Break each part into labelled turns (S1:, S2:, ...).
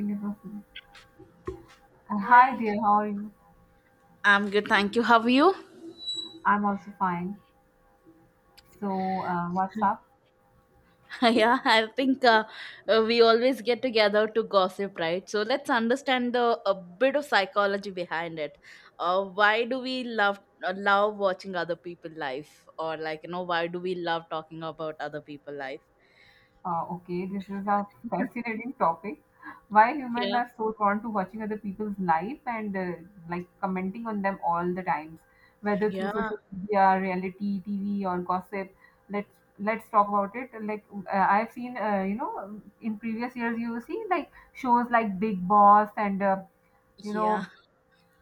S1: Single person. Hi
S2: Hi.
S1: dear, how are you?
S2: I'm good, thank you. How are you?
S1: I'm also fine. So, what's up?
S2: Yeah, I think we always get together to gossip, right? So let's understand the a bit of psychology behind it. Why do we love love watching other people life, or like, why do we love talking about other people life?
S1: Okay, this is a fascinating topic. Why humans
S2: Yeah,
S1: are so drawn to watching other people's life and like commenting on them all the times, whether through
S2: yeah,
S1: social media, reality TV, or gossip. Let's let's talk about it. Like I've seen, in previous years, you see like shows like Big Boss and you
S2: yeah,
S1: know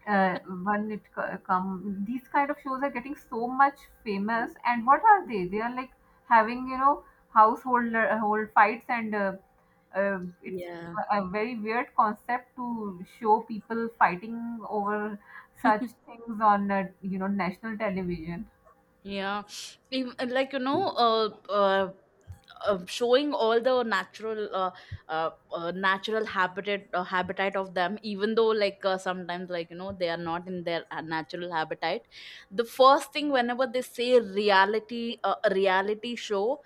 S1: uh, when it co- come these kind of shows are getting so much famous and what are they, are like having household hold fights and it's
S2: yeah.
S1: a very weird concept to show people fighting over such things on national television.
S2: Yeah, even, showing all the natural natural habitat habitat of them even though like sometimes like, they are not in their natural habitat. The first thing whenever they say reality reality show,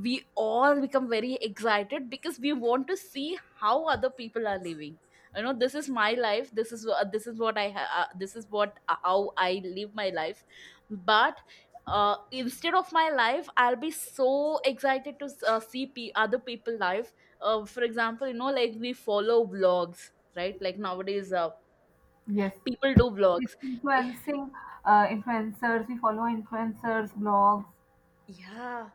S2: we all become very excited because we want to see how other people are living. You know, this is my life, this is what this is what how I live my life. But instead of my life I'll be so excited to see other people life. For example, you know, like we follow vlogs, right? Like nowadays
S1: Yes,
S2: people do
S1: this
S2: vlogs.
S1: influencing, influencers, we follow influencers blogs.
S2: Yeah,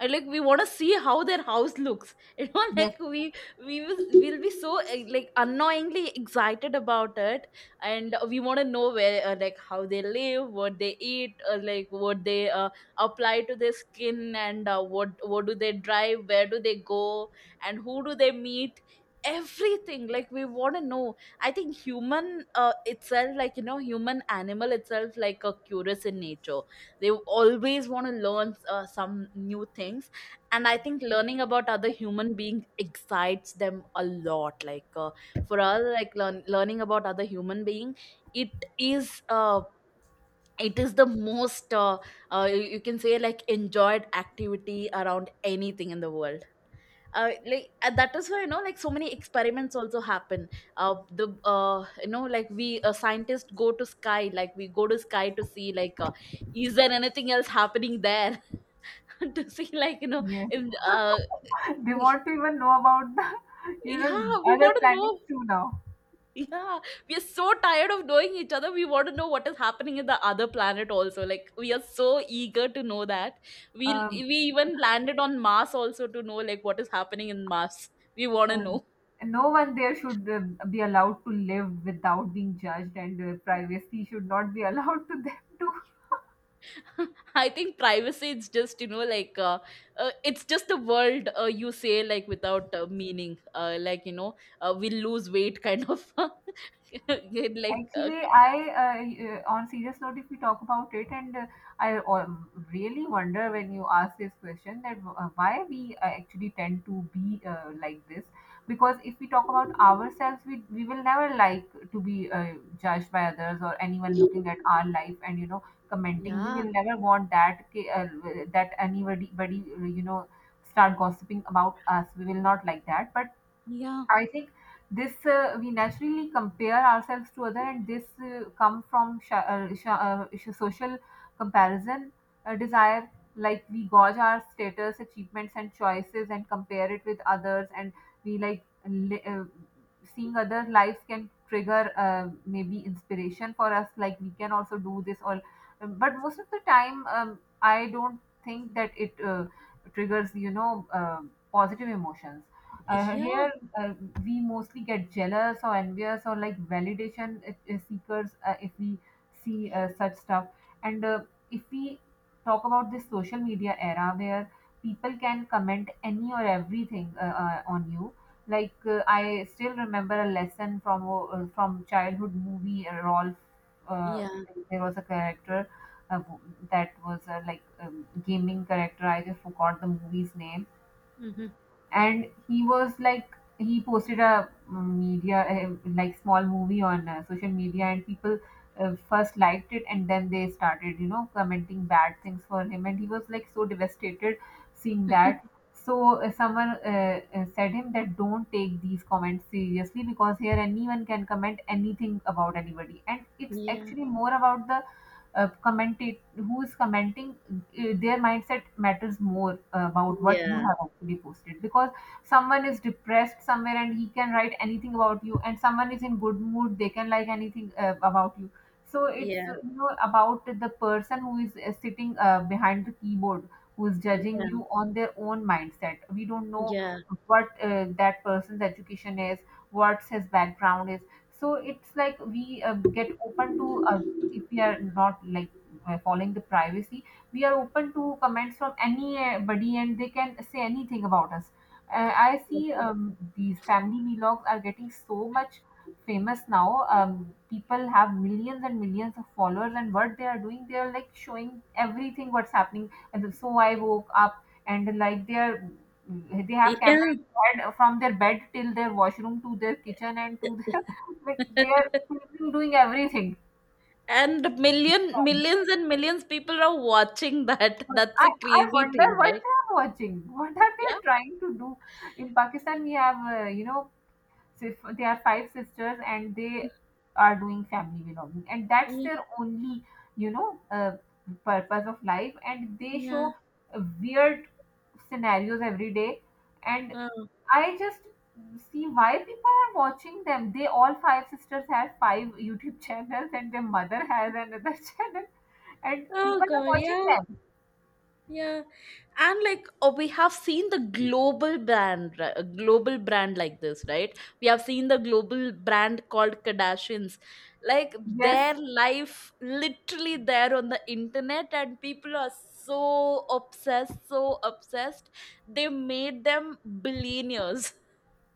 S2: I like, we want to see how their house looks. You know,
S1: Yes.
S2: like we will be so like annoyingly excited about it, and we want to know where like how they live, what they eat, like what they apply to their skin, and what do they drive, where do they go, and who do they meet. Everything like we want to know. I think human itself, like you know, human animal itself, like a curious in nature. They always want to learn some new things, and I think learning about other human beings excites them a lot. Like for us, like learning about other human being, it is uh, it is the most you, you can say, like enjoyed activity around anything in the world. That is why, you know, like so many experiments also happen. The You know, like we scientists go to sky, like we go to sky to see like is there anything else happening there. To see, like you know,
S1: Yes.
S2: in, uh,
S1: They want to even know about the, you know,
S2: yeah, we
S1: other
S2: want to
S1: planets
S2: know.
S1: too now.
S2: Yeah, we are so tired of knowing each other, we want to know what is happening in the other planet also, like we are so eager to know that. we
S1: um,
S2: we even landed on Mars also to know like what is happening in Mars. We want to
S1: Um,
S2: know.
S1: and no one there should be allowed to live without being judged, and privacy should not be allowed to them too.
S2: I think privacy is just, you know, like it's just the world you say, like without meaning, we lose weight kind of. Like
S1: Actually, I uh, on serious note, if we talk about it, and I really wonder when you ask this question that why we actually tend to be like this. Because if we talk about ourselves, we will never like to be judged by others or anyone looking at our life and commenting. We
S2: yeah,
S1: will never want that anybody, you know, start gossiping about us. We will not like that, but
S2: yeah,
S1: I think this we naturally compare ourselves to other, and this come from social comparison desire. Like we gauge our status, achievements, and choices, and compare it with others, and we like li- uh, seeing other lives can trigger maybe inspiration for us. Like we can also do this, or but most of the time, I don't think that it triggers positive emotions
S2: yeah,
S1: here. uh, we mostly get jealous or envious or like validation seekers if we see such stuff. And If we talk about this social media era where people can comment any or everything on you, like I still remember a lesson from childhood movie rolf. uh,
S2: yeah.
S1: there was a character uh, that was like gaming character. I just forgot the movie's name,
S2: Hmm.
S1: and he was like he posted a media, like small movie on social media, and people first liked it and then they started, you know, commenting bad things for him, and he was like so devastated seeing that. So someone said him that don't take these comments seriously, because here anyone can comment anything about anybody, and it's
S2: Yeah,
S1: actually more about the commentate, who is commenting. Their mindset matters more about what you
S2: yeah,
S1: have actually posted, because someone is depressed somewhere and he can write anything about you, and someone is in good mood, they can like anything about you. So it's,
S2: yeah,
S1: about the person who is sitting behind the keyboard, who is judging
S2: yeah,
S1: you on their own mindset. We don't know
S2: yeah,
S1: what that person's education is, what his background is. So it's like we get open to, if we are not like following the privacy, we are open to comments from anybody and they can say anything about us. I see, these family vlogs are getting so much famous now. People have millions and millions of followers, and what they are doing, they are like showing everything what's happening. And so I woke up and like they are, they have
S2: yeah.
S1: camera in their head from their bed till their washroom to their kitchen and to their, like they are filming, doing everything.
S2: And millions and millions people are watching that, that's
S1: I,
S2: a
S1: I
S2: crazy
S1: wonder
S2: thing,
S1: what
S2: right?
S1: they are watching. What are
S2: Yeah.
S1: they trying to do? In Pakistan, we have, they are five sisters and they are doing family belonging. And that's
S2: Yeah,
S1: their only, you know, uh, purpose of life. And they
S2: yeah.
S1: show weird scenarios every day. And
S2: Oh.
S1: I just see why people are watching them. They all five sisters have five YouTube channels, and their mother has another channel. And
S2: Oh
S1: people are
S2: god,
S1: watching
S2: yeah.
S1: them.
S2: Yeah, and like we have seen the global brand, a global brand like this, right? We have seen the global brand called Kardashians. Like
S1: Yes.
S2: their life literally there on the internet, and people are so obsessed, so obsessed. They made them billionaires.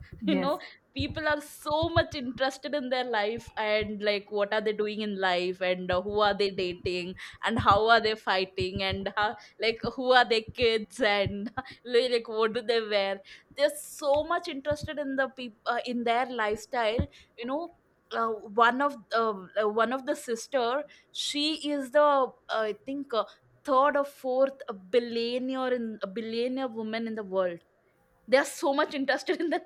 S2: You know,
S1: Yes,
S2: people are so much interested in their life, and like what are they doing in life, and who are they dating, and how are they fighting, and how, like who are their kids, and like what do they wear. They're so much interested in the people in their lifestyle. You know, uh, one of uh, one of the sister, she is the I think third or fourth billionaire, in a billionaire woman in the world. They are so much interested in the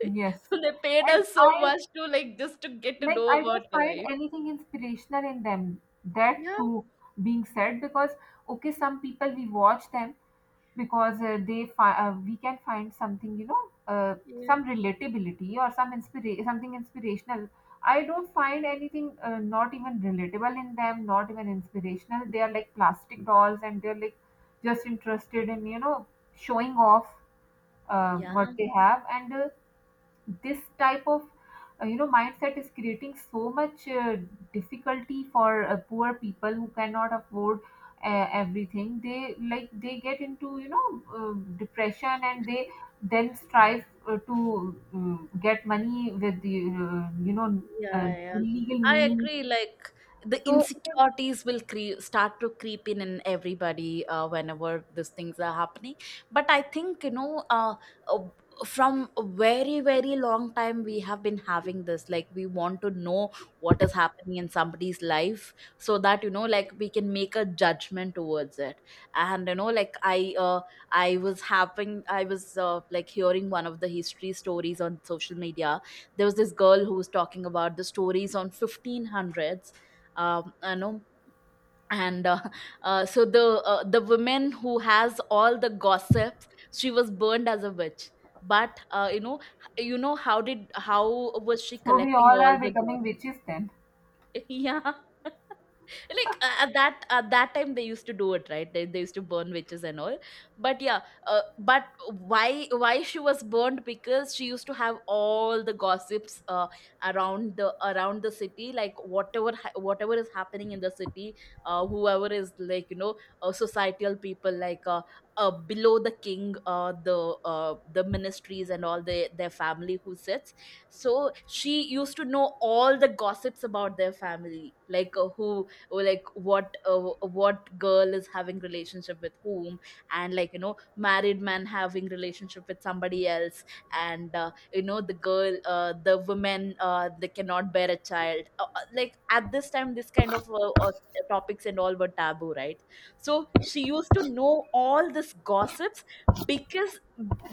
S1: yes.
S2: so they paid
S1: And
S2: us so much to like just to get to know
S1: I
S2: about
S1: don't
S2: her
S1: find
S2: life.
S1: anything inspirational in them. That
S2: Yeah.
S1: too being said, because okay, some people we watch them because we can find something,
S2: Yeah.
S1: some relatability or some something inspirational. I don't find anything not even relatable in them, not even inspirational. They are like plastic dolls, and they're like just interested in, you know, showing off
S2: Yeah.
S1: what they have. And. This type of mindset is creating so much difficulty for poor people who cannot afford everything they like. They get into, depression, and they then strive to get money with the, uh,
S2: Yeah, yeah.
S1: illegal
S2: I
S1: means.
S2: agree. Like the
S1: So it is,
S2: insecurities will start to creep in everybody whenever these things are happening. But I think, you know, uh, from a very very long time we have been having this. Like we want to know what is happening in somebody's life so that, you know, like we can make a judgment towards it. And you know, like I was like hearing one of the history stories on social media. There was this girl who was talking about the stories on 1500s. Um, I know. And so the woman who has all the gossips, she was burned as a witch. But you know, you know how did how was she
S1: so we
S2: collecting
S1: all are
S2: all the
S1: becoming
S2: gossip.
S1: witches then.
S2: Yeah, like at that time they used to do it, right? They used to burn witches and all. But yeah, but why she was burned because she used to have all the gossips around the city, like whatever is happening in the city. Whoever is like, you know, societal people, like below the king, the ministries and all the, their family who sits. So she used to know all the gossips about their family, like who, or like what girl is having relationship with whom, and like, you know, married man having relationship with somebody else, and you know, the girl the women they cannot bear a child, like at this time this kind of topics and all were taboo, right? So she used to know all this gossips. Because,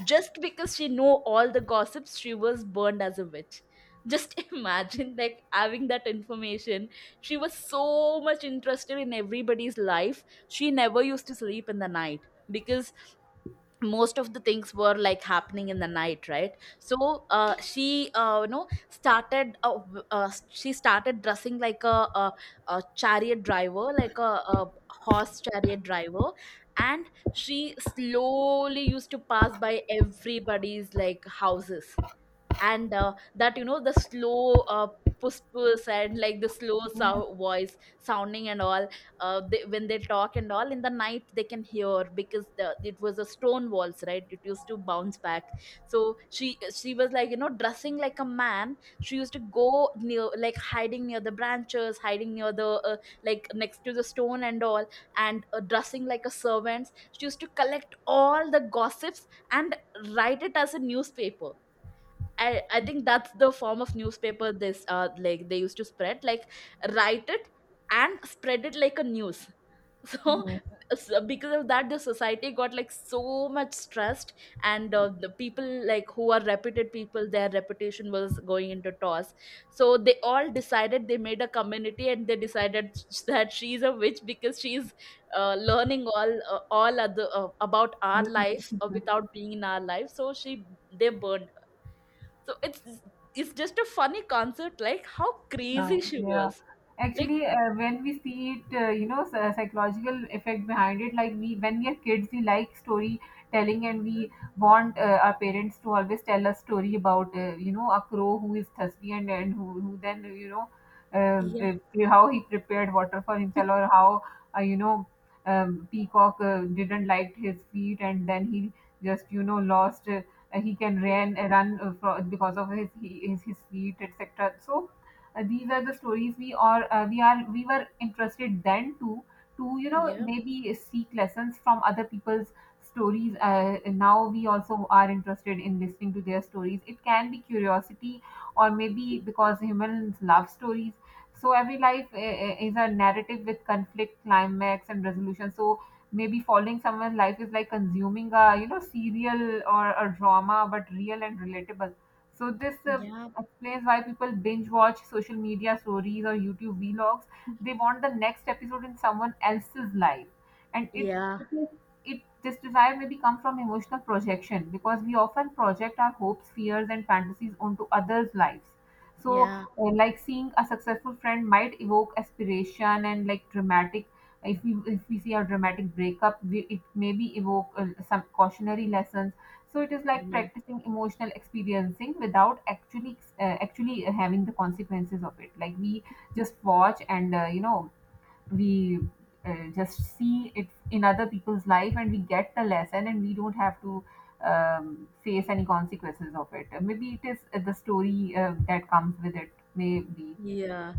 S2: just because she know all the gossips, she was burned as a witch. Just imagine like having that information. She was so much interested in everybody's life. She never used to sleep in the night, because most of the things were like happening in the night, right? So she, you know, she started dressing like a chariot driver, like a horse chariot driver. And she slowly used to pass by everybody's like houses, and that, you know, the slow puss puss, and like the slow
S1: Yes.
S2: voice sounding and all. When they talk and all in the night, they can hear because it was a stone walls, right? It used to bounce back. So she was, like you know, dressing like a man. She used to go near like hiding near the branches, hiding near the like next to the stone and all, and dressing like a servant, she used to collect all the gossips and write it as a newspaper. I think that's the form of newspaper this like they used to spread, like write it and spread it like a news. So,
S1: Yes,
S2: so because of that the society got like so much stressed, and the people like who are reputed people, their reputation was going into toss. So they all decided, they made a community, and they decided that she's a witch, because she's learning all other about our
S1: other people
S2: life
S1: think.
S2: without being in our life, so she, they burned. So it's just a funny concept, like how crazy
S1: Oh,
S2: she
S1: yeah.
S2: was. Like,
S1: Actually, when we see it, psychological effect behind it, like we, when we are kids, we like storytelling, and we want our parents to always tell us story about, you know, a crow who is thirsty and who then, you know,
S2: yeah,
S1: the- how he prepared water for himself, or how, uh, you know, peacock didn't like his feet, and then he just, you know, lost. He can
S2: yeah,
S1: run, because of his feet, etc. So, these are the stories we were interested then to you know,
S2: yeah,
S1: maybe seek lessons from other people's stories. Now we also are interested in listening to their stories. It can be curiosity, or maybe because humans love stories. So every life is a narrative with conflict, climax and resolution. So maybe following someone's life is like consuming a, you know, serial or a drama, but real and relatable. So this
S2: yeah,
S1: explains why people binge watch social media stories or YouTube vlogs. They want the next episode in someone else's life, and
S2: yeah,
S1: it is it, this desire maybe comes from emotional projection, because we often project our hopes, fears, and fantasies onto others' lives. So,
S2: yeah,
S1: like seeing a successful friend might evoke aspiration and like dramatic. If we see a dramatic breakup, we, it maybe evoke some cautionary lessons. So it is like
S2: no,
S1: practicing emotional experiencing without actually having the consequences of it. Like we just watch and, we just see it in other people's life, and we get the lesson, and we don't have to face any consequences of it. Maybe it is the story that comes with it. Maybe
S2: yeah.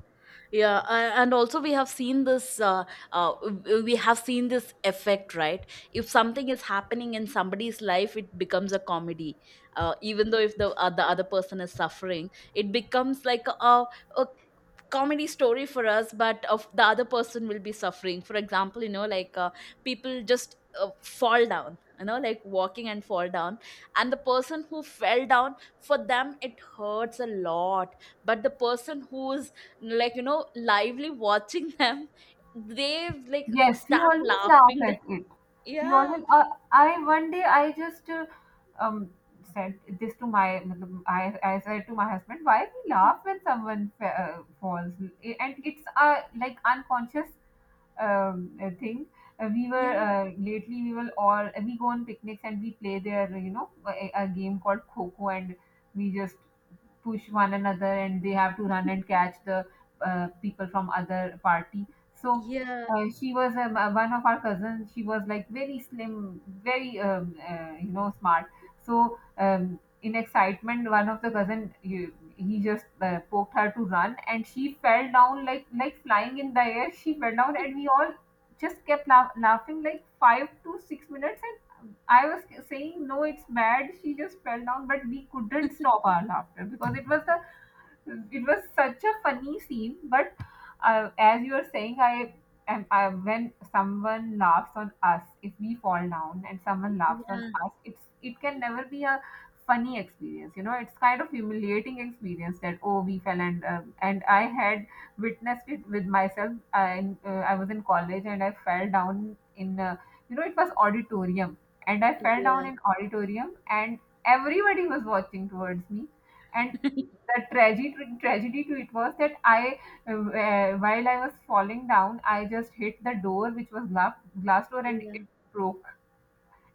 S2: Yeah, and also we have seen this. We have seen this effect, right? If something is happening in somebody's life, it becomes a comedy. Even though if the the other person is suffering, it becomes like a comedy story for us, but of the other person will be suffering. For example, you know, like people just fall down, you know, like walking and fall down, and the person who fell down, for them it hurts a lot, but the person who's, like you know, lively watching them, they like
S1: yes, we
S2: start
S1: always laugh
S2: laughing. The-
S1: at it. We
S2: yeah,
S1: always I one day I just um said this to my मतलब, I said to my husband, why we laugh when someone falls, and it's a like unconscious thing. We were
S2: yeah,
S1: Lately we will all, we go on picnics and we play there, you know, a game called kho, and we just push one another and they have to run and catch the people from other party. So
S2: yeah.
S1: she was, one of our cousins. She was like very slim, very smart. So in excitement, one of the cousin you, he just poked her to run, and she fell down like flying in the air. She fell down, and we all just kept laughing like 5 to 6 minutes. And I was saying, no, it's mad. She just fell down, but we couldn't stop our laughter because it was such a funny scene. But as you are saying, I, when someone laughs on us, if we fall down and someone laughs on
S2: Yeah,
S1: us, it's, it can never be a funny experience. You know, it's kind of humiliating experience that oh, we fell. And I had witnessed it with myself. I was in college, and I fell down in, it was auditorium, and I fell
S2: yeah.
S1: down in auditorium, and everybody was watching towards me. And the tragedy to it was that while I was falling down, I just hit the door, which was glass door, and it broke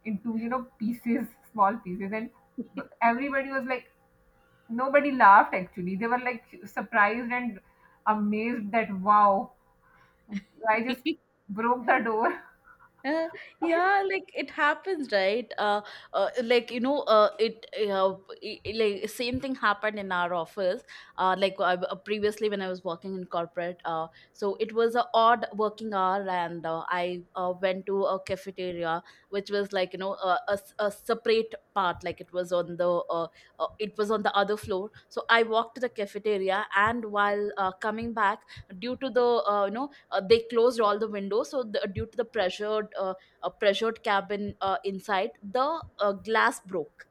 S1: into, you know, pieces, small pieces, and everybody was like, nobody laughed actually. They were like surprised and amazed that wow, I just
S2: Yeah.
S1: broke the door
S2: Uh, yeah, like it happens, right? Like you know, it I- Like same thing happened in our office. Like I, previously when I was working in corporate, so it was a odd working hour, and I went to a cafeteria, which was like, you know, a separate part, like it was on the it was on the other floor. So I walked to the cafeteria, and while coming back, due to the they closed all the windows. So due to the pressured cabin inside the glass broke.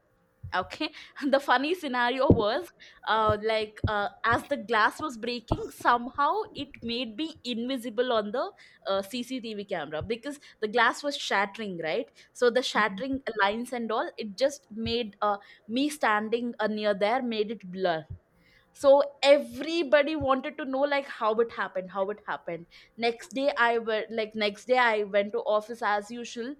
S2: Okay, the funny scenario was as the glass was breaking, somehow it made me invisible on the CCTV camera, because the glass was shattering, right? So the shattering lines and all, it just made me standing near there, made it blur. So everybody wanted to know, like, how it happened, how it happened. Next day I went to office as usual.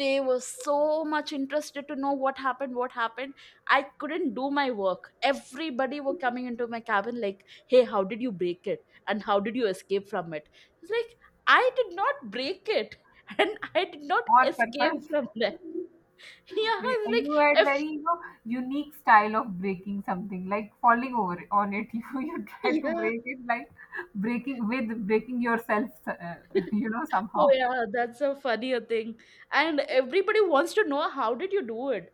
S2: They were so much interested to know what happened, what happened. I couldn't do my work. Everybody were coming into my cabin like, hey, how did you break it and how did you escape from it? It's like, I did not break it, and I did not
S1: on
S2: escape
S1: purpose.
S2: from that. Yeah,
S1: Y-
S2: it's
S1: You had
S2: like, if
S1: very you know, unique style of breaking something, like falling over on it. You try to
S2: yeah.
S1: break it like breaking with breaking yourself, you know
S2: Oh
S1: somehow.
S2: yeah, that's a funnier thing. And everybody wants to know, how did you do it?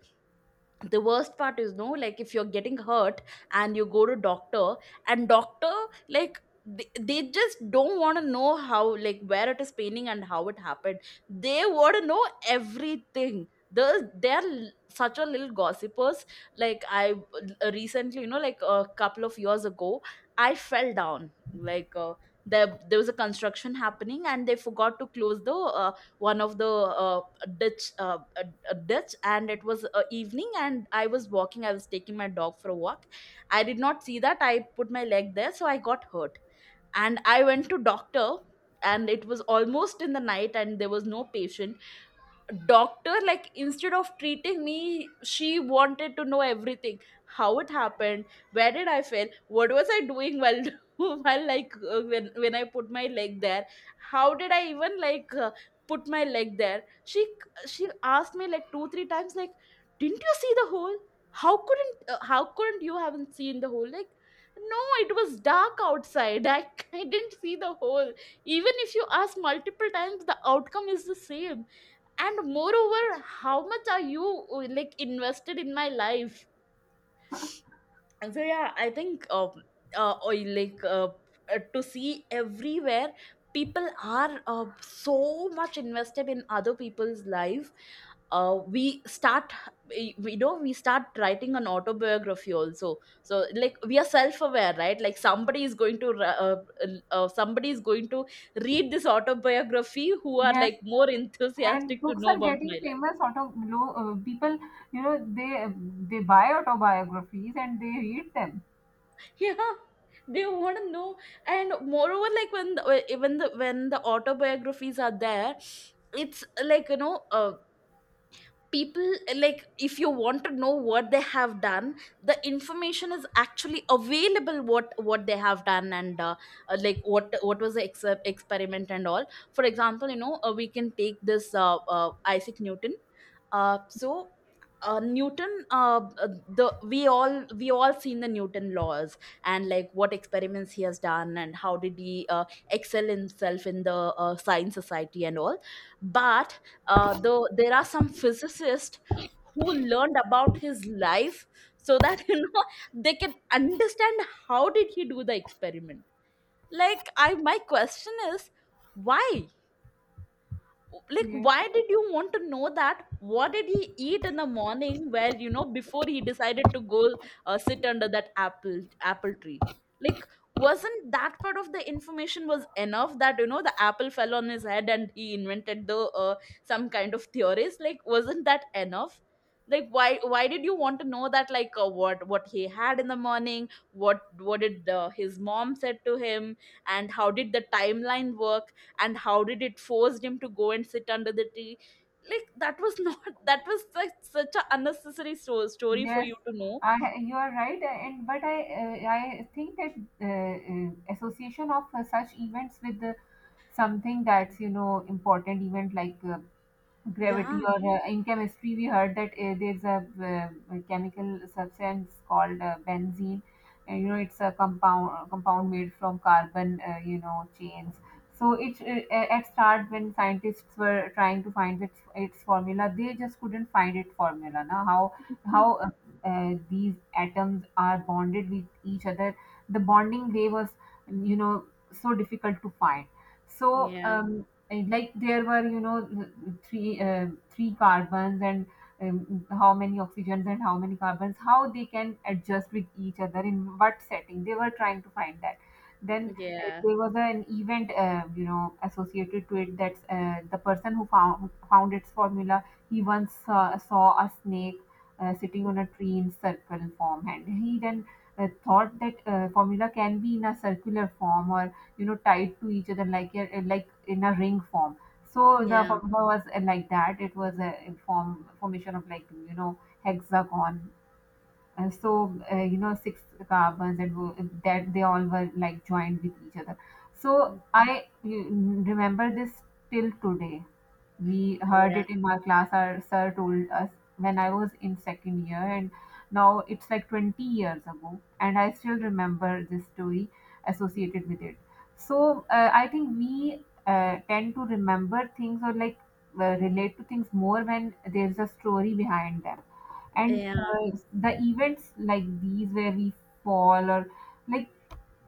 S2: The worst part is, no, like, if you're getting hurt and you go to doctor, and doctor, like, they just don't want to know how, like, where it is paining and how it happened. They want to know everything. Such a little gossipers, like I, recently, you know, like a couple of years ago, I fell down like there was a construction happening and they forgot to close the one of the ditch, a ditch. And it was evening, and I was taking my dog for a walk. I did not see that, I put my leg there, so I got hurt, and I went to doctor. And it was almost in the night and there was no patient. Doctor, like, instead of treating me, she wanted to know everything. How it happened, where did I fail, what was I doing, while while, like, when I put my leg there, how did I even like, put my leg there. She asked me like two three times, like, didn't you see the hole? How couldn't you haven't seen the hole? Like, no, it was dark outside. I didn't see the hole. Even if you ask multiple times, the outcome is the same. And moreover, how much are you like invested in my life? And so yeah, I think, or like to see everywhere, people are so much invested in other people's life. We start, we know, we start writing an autobiography also. So, like, we are self-aware, right? Like, somebody is going to read this autobiography, who are
S1: Yes,
S2: like more
S1: and
S2: enthusiastic to
S1: books
S2: know
S1: are
S2: about
S1: getting
S2: my life.
S1: famous. Auto People, you know, they they buy autobiographies and they read them.
S2: Yeah, they want to know. And moreover, like, when the, when the when the autobiographies are there, it's like, you know, people, like, if you want to know what they have done, the information is actually available. What they have done, and like, what was the experiment and all. For example, you know, we can take this, Isaac Newton. So Newton, the we all seen the Newton laws, and like what experiments he has done and how did he excel himself in the science society and all. But though there are some physicists who learned about his life, so that you know, they can understand how did he do the experiment. Like, my question is, why? Like,
S1: Yes.
S2: why did you want to know that, what did he eat in the morning, where, you know, before he decided to go sit under that apple tree. Like, wasn't that part of the information was enough, that, you know, the apple fell on his head and he invented the uh, some kind of theories? Like, wasn't that enough? Like, why did you want to know that, like, what he had in the morning, what did his mom said to him, and how did the timeline work, and how did it forced him to go and sit under the tree? Like, that was not, that was such an unnecessary story for
S1: Yes,
S2: you to know.
S1: I, you are right, and but I think that association of such events with something that's you know important event like gravity
S2: Yeah.
S1: or in chemistry we heard that there's a chemical substance called benzene, and you know it's a compound made from carbon, you know, chains. So it at start, when scientists were trying to find its formula, they just couldn't find its formula. Now how how uh, these atoms are bonded with each other. The bonding they was, you know, so difficult to find. So
S2: Yeah,
S1: and like there were, you know, three carbons and how many oxygens and how many carbons, how they can adjust with each other, in what setting they were trying to find that. Then
S2: yeah,
S1: there was an event, you know, associated to it. That's the person who found its formula. He once saw a snake sitting on a tree in circle form, and he then thought that formula can be in a circular form or, you know, tied to each other like like in a ring form. So
S2: yeah,
S1: the
S2: yeah,
S1: formula was like that. It was a formation of, like, you know, hexagon. uh, so you know, six carbons that were that they all were like joined with each other. So I remember this till today. We heard
S2: yeah,
S1: it in my class, our sir told us when I was in second year, and now it's like 20 years ago and I still remember this story associated with it. So I think we tend to remember things, or like relate to things more when there's a story behind them. And
S2: yeah,
S1: the events like these where we fall or like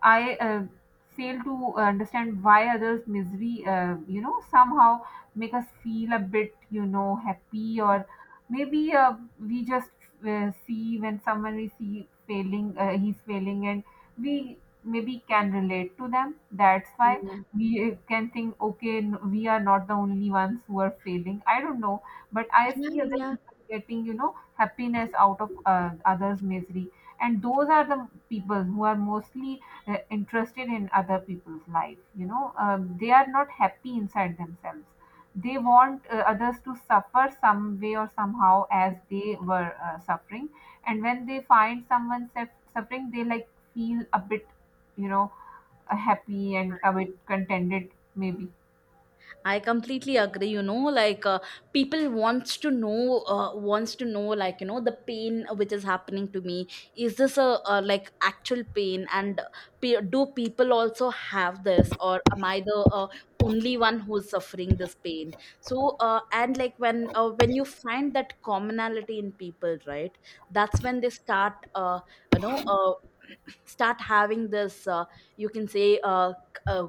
S1: I fail to understand why others' misery, you know, somehow make us feel a bit, you know, happy. Or maybe we just see when someone we see failing, he's failing, and we maybe can relate to them. That's why we can think, okay, we are not the only ones who are failing. I don't know, but I
S2: yeah,
S1: see other
S2: yeah.
S1: people getting, you know, happiness out of others' misery, and those are the people who are mostly, they're interested in other people's life, you know. Um, they are not happy inside themselves. They want others to suffer some way or somehow as they were suffering. And when they find someone suffering, they like feel a bit, you know, happy and a bit contented maybe.
S2: I completely agree. You know, like, people wants to know, like, you know, the pain which is happening to me. Is this a, like actual pain? And do people also have this, or am I the only one who's suffering this pain? So, and like, when you find that commonality in people, right? That's when they start, you know, start having this. You can say, uh,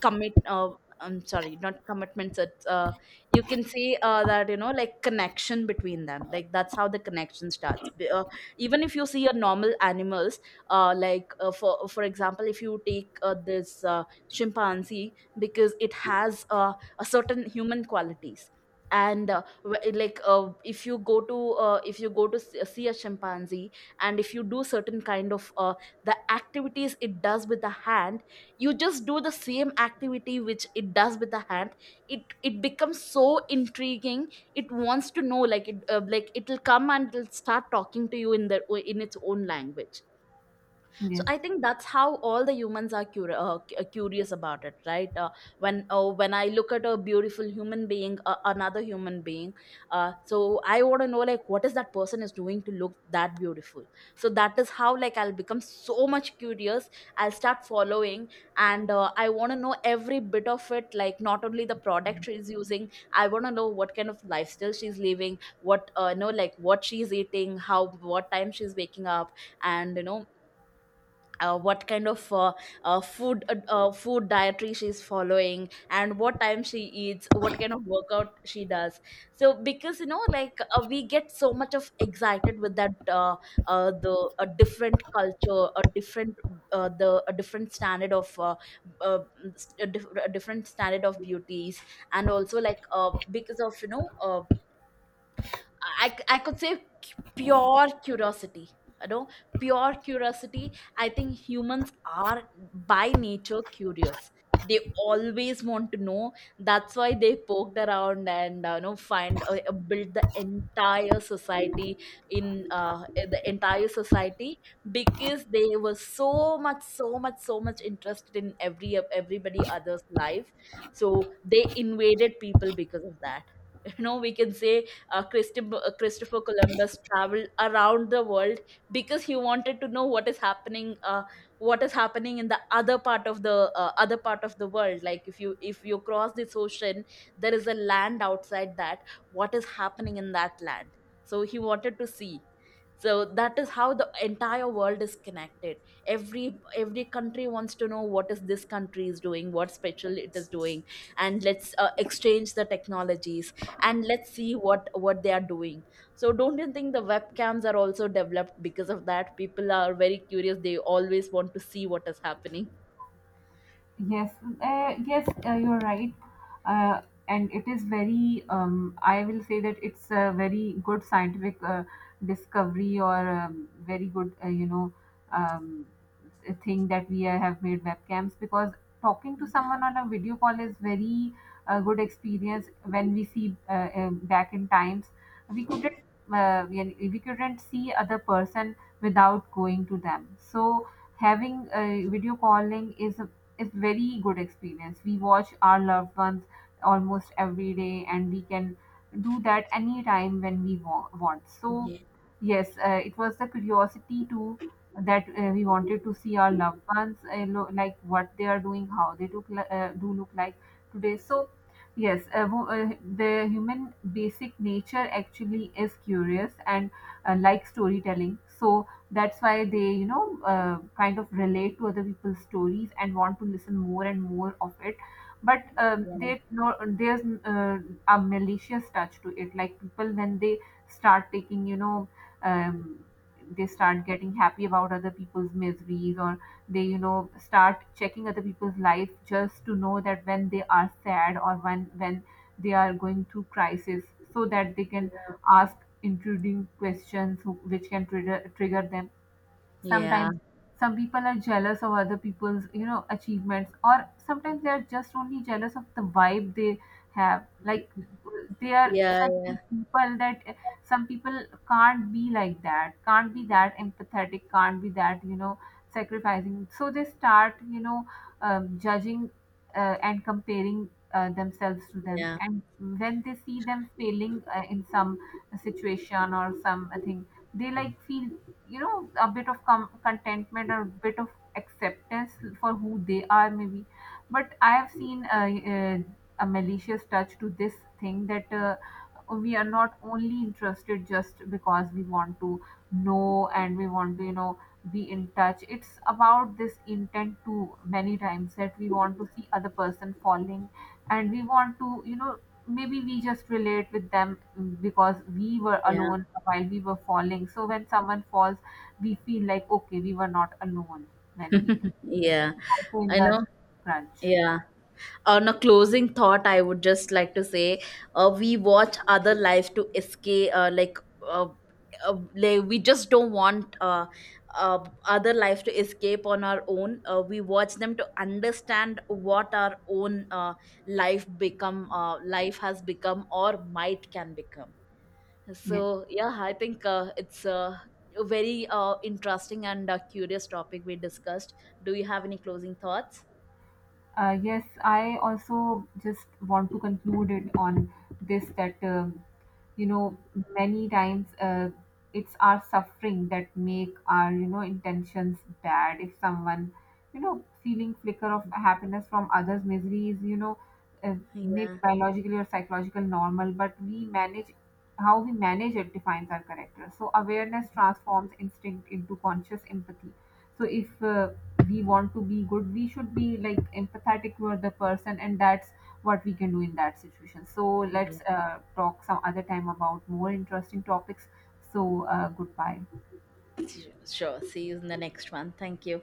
S2: commit, I'm sorry, not commitments, it's you can say, that, you know, like connection between them, like that's how the connection starts. Even if you see your normal animals, for example, if you take this chimpanzee, because it has a certain human qualities. And if you go to, see a chimpanzee, and if you do certain kind of the activities it does with the hand, you just do the same activity which it does with the hand, it becomes so intriguing. It wants to know, like, it'll come and it'll start talking to you in their in its own language. So
S1: Yes.
S2: I think that's how all the humans are curious about it, right? When I look at a beautiful human being, another human being, so I want to know, like, what is that person is doing to look that beautiful. So that is how, like, I'll become so much curious, I'll start following, and I want to know every bit of it, like not only the product she's using, I want to know what kind of lifestyle she's living, what, you know, like what she's eating, how, what time she's waking up, and, you know, what kind of food dietary she's following, and what time she eats, what kind of workout she does. So because, you know, like, we get so much of excited with that, the a different culture, a different, the a different standard of, uh, a different standard of beauties. And also, like, because of, you know, I could say, pure curiosity. You know, pure curiosity. I think humans are by nature curious. They always want to know. That's why they poked around and you know, find build the entire society in uh, the entire society because they were so much, so much, so much interested in everybody other's life. So they invaded people because of that, you know, we can say, Christopher Columbus traveled around the world because he wanted to know what is happening, in the other part of the world. Like, if you cross this ocean, there is a land outside that. What is happening in that land? So he wanted to see. So that is how the entire world is connected. Every country wants to know what is this country is doing, what special it is doing. And let's exchange the technologies, and let's see what they are doing. So don't you think the webcams are also developed because of that? People are very curious, they always want to see what is happening.
S1: Yes, yes, you're right. Uh, and it is very, I will say that it's a very good scientific discovery, or very good, you know, um, a thing that we have made webcams, because talking to someone on a video call is very good experience. When we see, back in times, we we couldn't see other person without going to them. So having a video calling is, it's very good experience. We watch our loved ones almost every day, and we can do that anytime when we want. So
S2: Yeah,
S1: yes, it was the curiosity too that we wanted to see our loved ones, like what they are doing, how they look, do look like today. So yes, the human basic nature actually is curious and like storytelling. So that's why they, you know, kind of relate to other people's stories and want to listen more and more of it. But
S2: yeah,
S1: they no, there's a malicious touch to it. Like people when they start taking, you know, um, they start getting happy about other people's miseries, or they, you know, start checking other people's life just to know that when they are sad, or when they are going through crisis, so that they can ask intruding questions which can trigger them
S2: yeah,
S1: sometimes. Some people are jealous of other people's, you know, achievements, or sometimes they are just only jealous of the vibe they have. Like, they are
S2: yeah,
S1: such
S2: yeah,
S1: good people that some people can't be like that, can't be that empathetic, can't be that, you know, sacrificing. So they start, you know, judging and comparing themselves to them.
S2: yeah,
S1: And when they see them failing in some situation or something, they like feel, you know, a bit of contentment, or a bit of acceptance for who they are, maybe. But I have seen a, a malicious touch to this thing, that we are not only interested just because we want to know and we want to, you know, be in touch. It's about this intent too, many times, that we want to see other person falling, and we want to, you know, maybe we just relate with them because we were
S2: yeah,
S1: alone while we were falling. So when someone falls, we feel like, okay, we were not alone when we
S2: yeah.
S1: also in
S2: I
S1: the
S2: know.
S1: crunch.
S2: Yeah. On a closing thought, I would just like to say, we watch other lives to escape, uh, we just don't want uh, other life to escape on our own. We watch them to understand what our own life has become or might can become.
S1: Yes,
S2: So yeah, I think it's a very interesting and curious topic we discussed. Do you have any closing thoughts?
S1: yes, I also just want to conclude it on this, that um, you know, many times, it's our suffering that make our, you know, intentions bad. If someone, you know, feeling flicker of happiness from others misery is, you know, uh, maybe
S2: Yeah,
S1: biologically or psychological normal, but we manage, how we manage it defines our character. So awareness transforms instinct into conscious empathy. So if we want to be good, we should be like empathetic toward the person, and that's what we can do in that situation. So
S2: yeah.
S1: let's talk some other time about more interesting topics. So goodbye.
S2: Sure. See you in the next one. Thank you.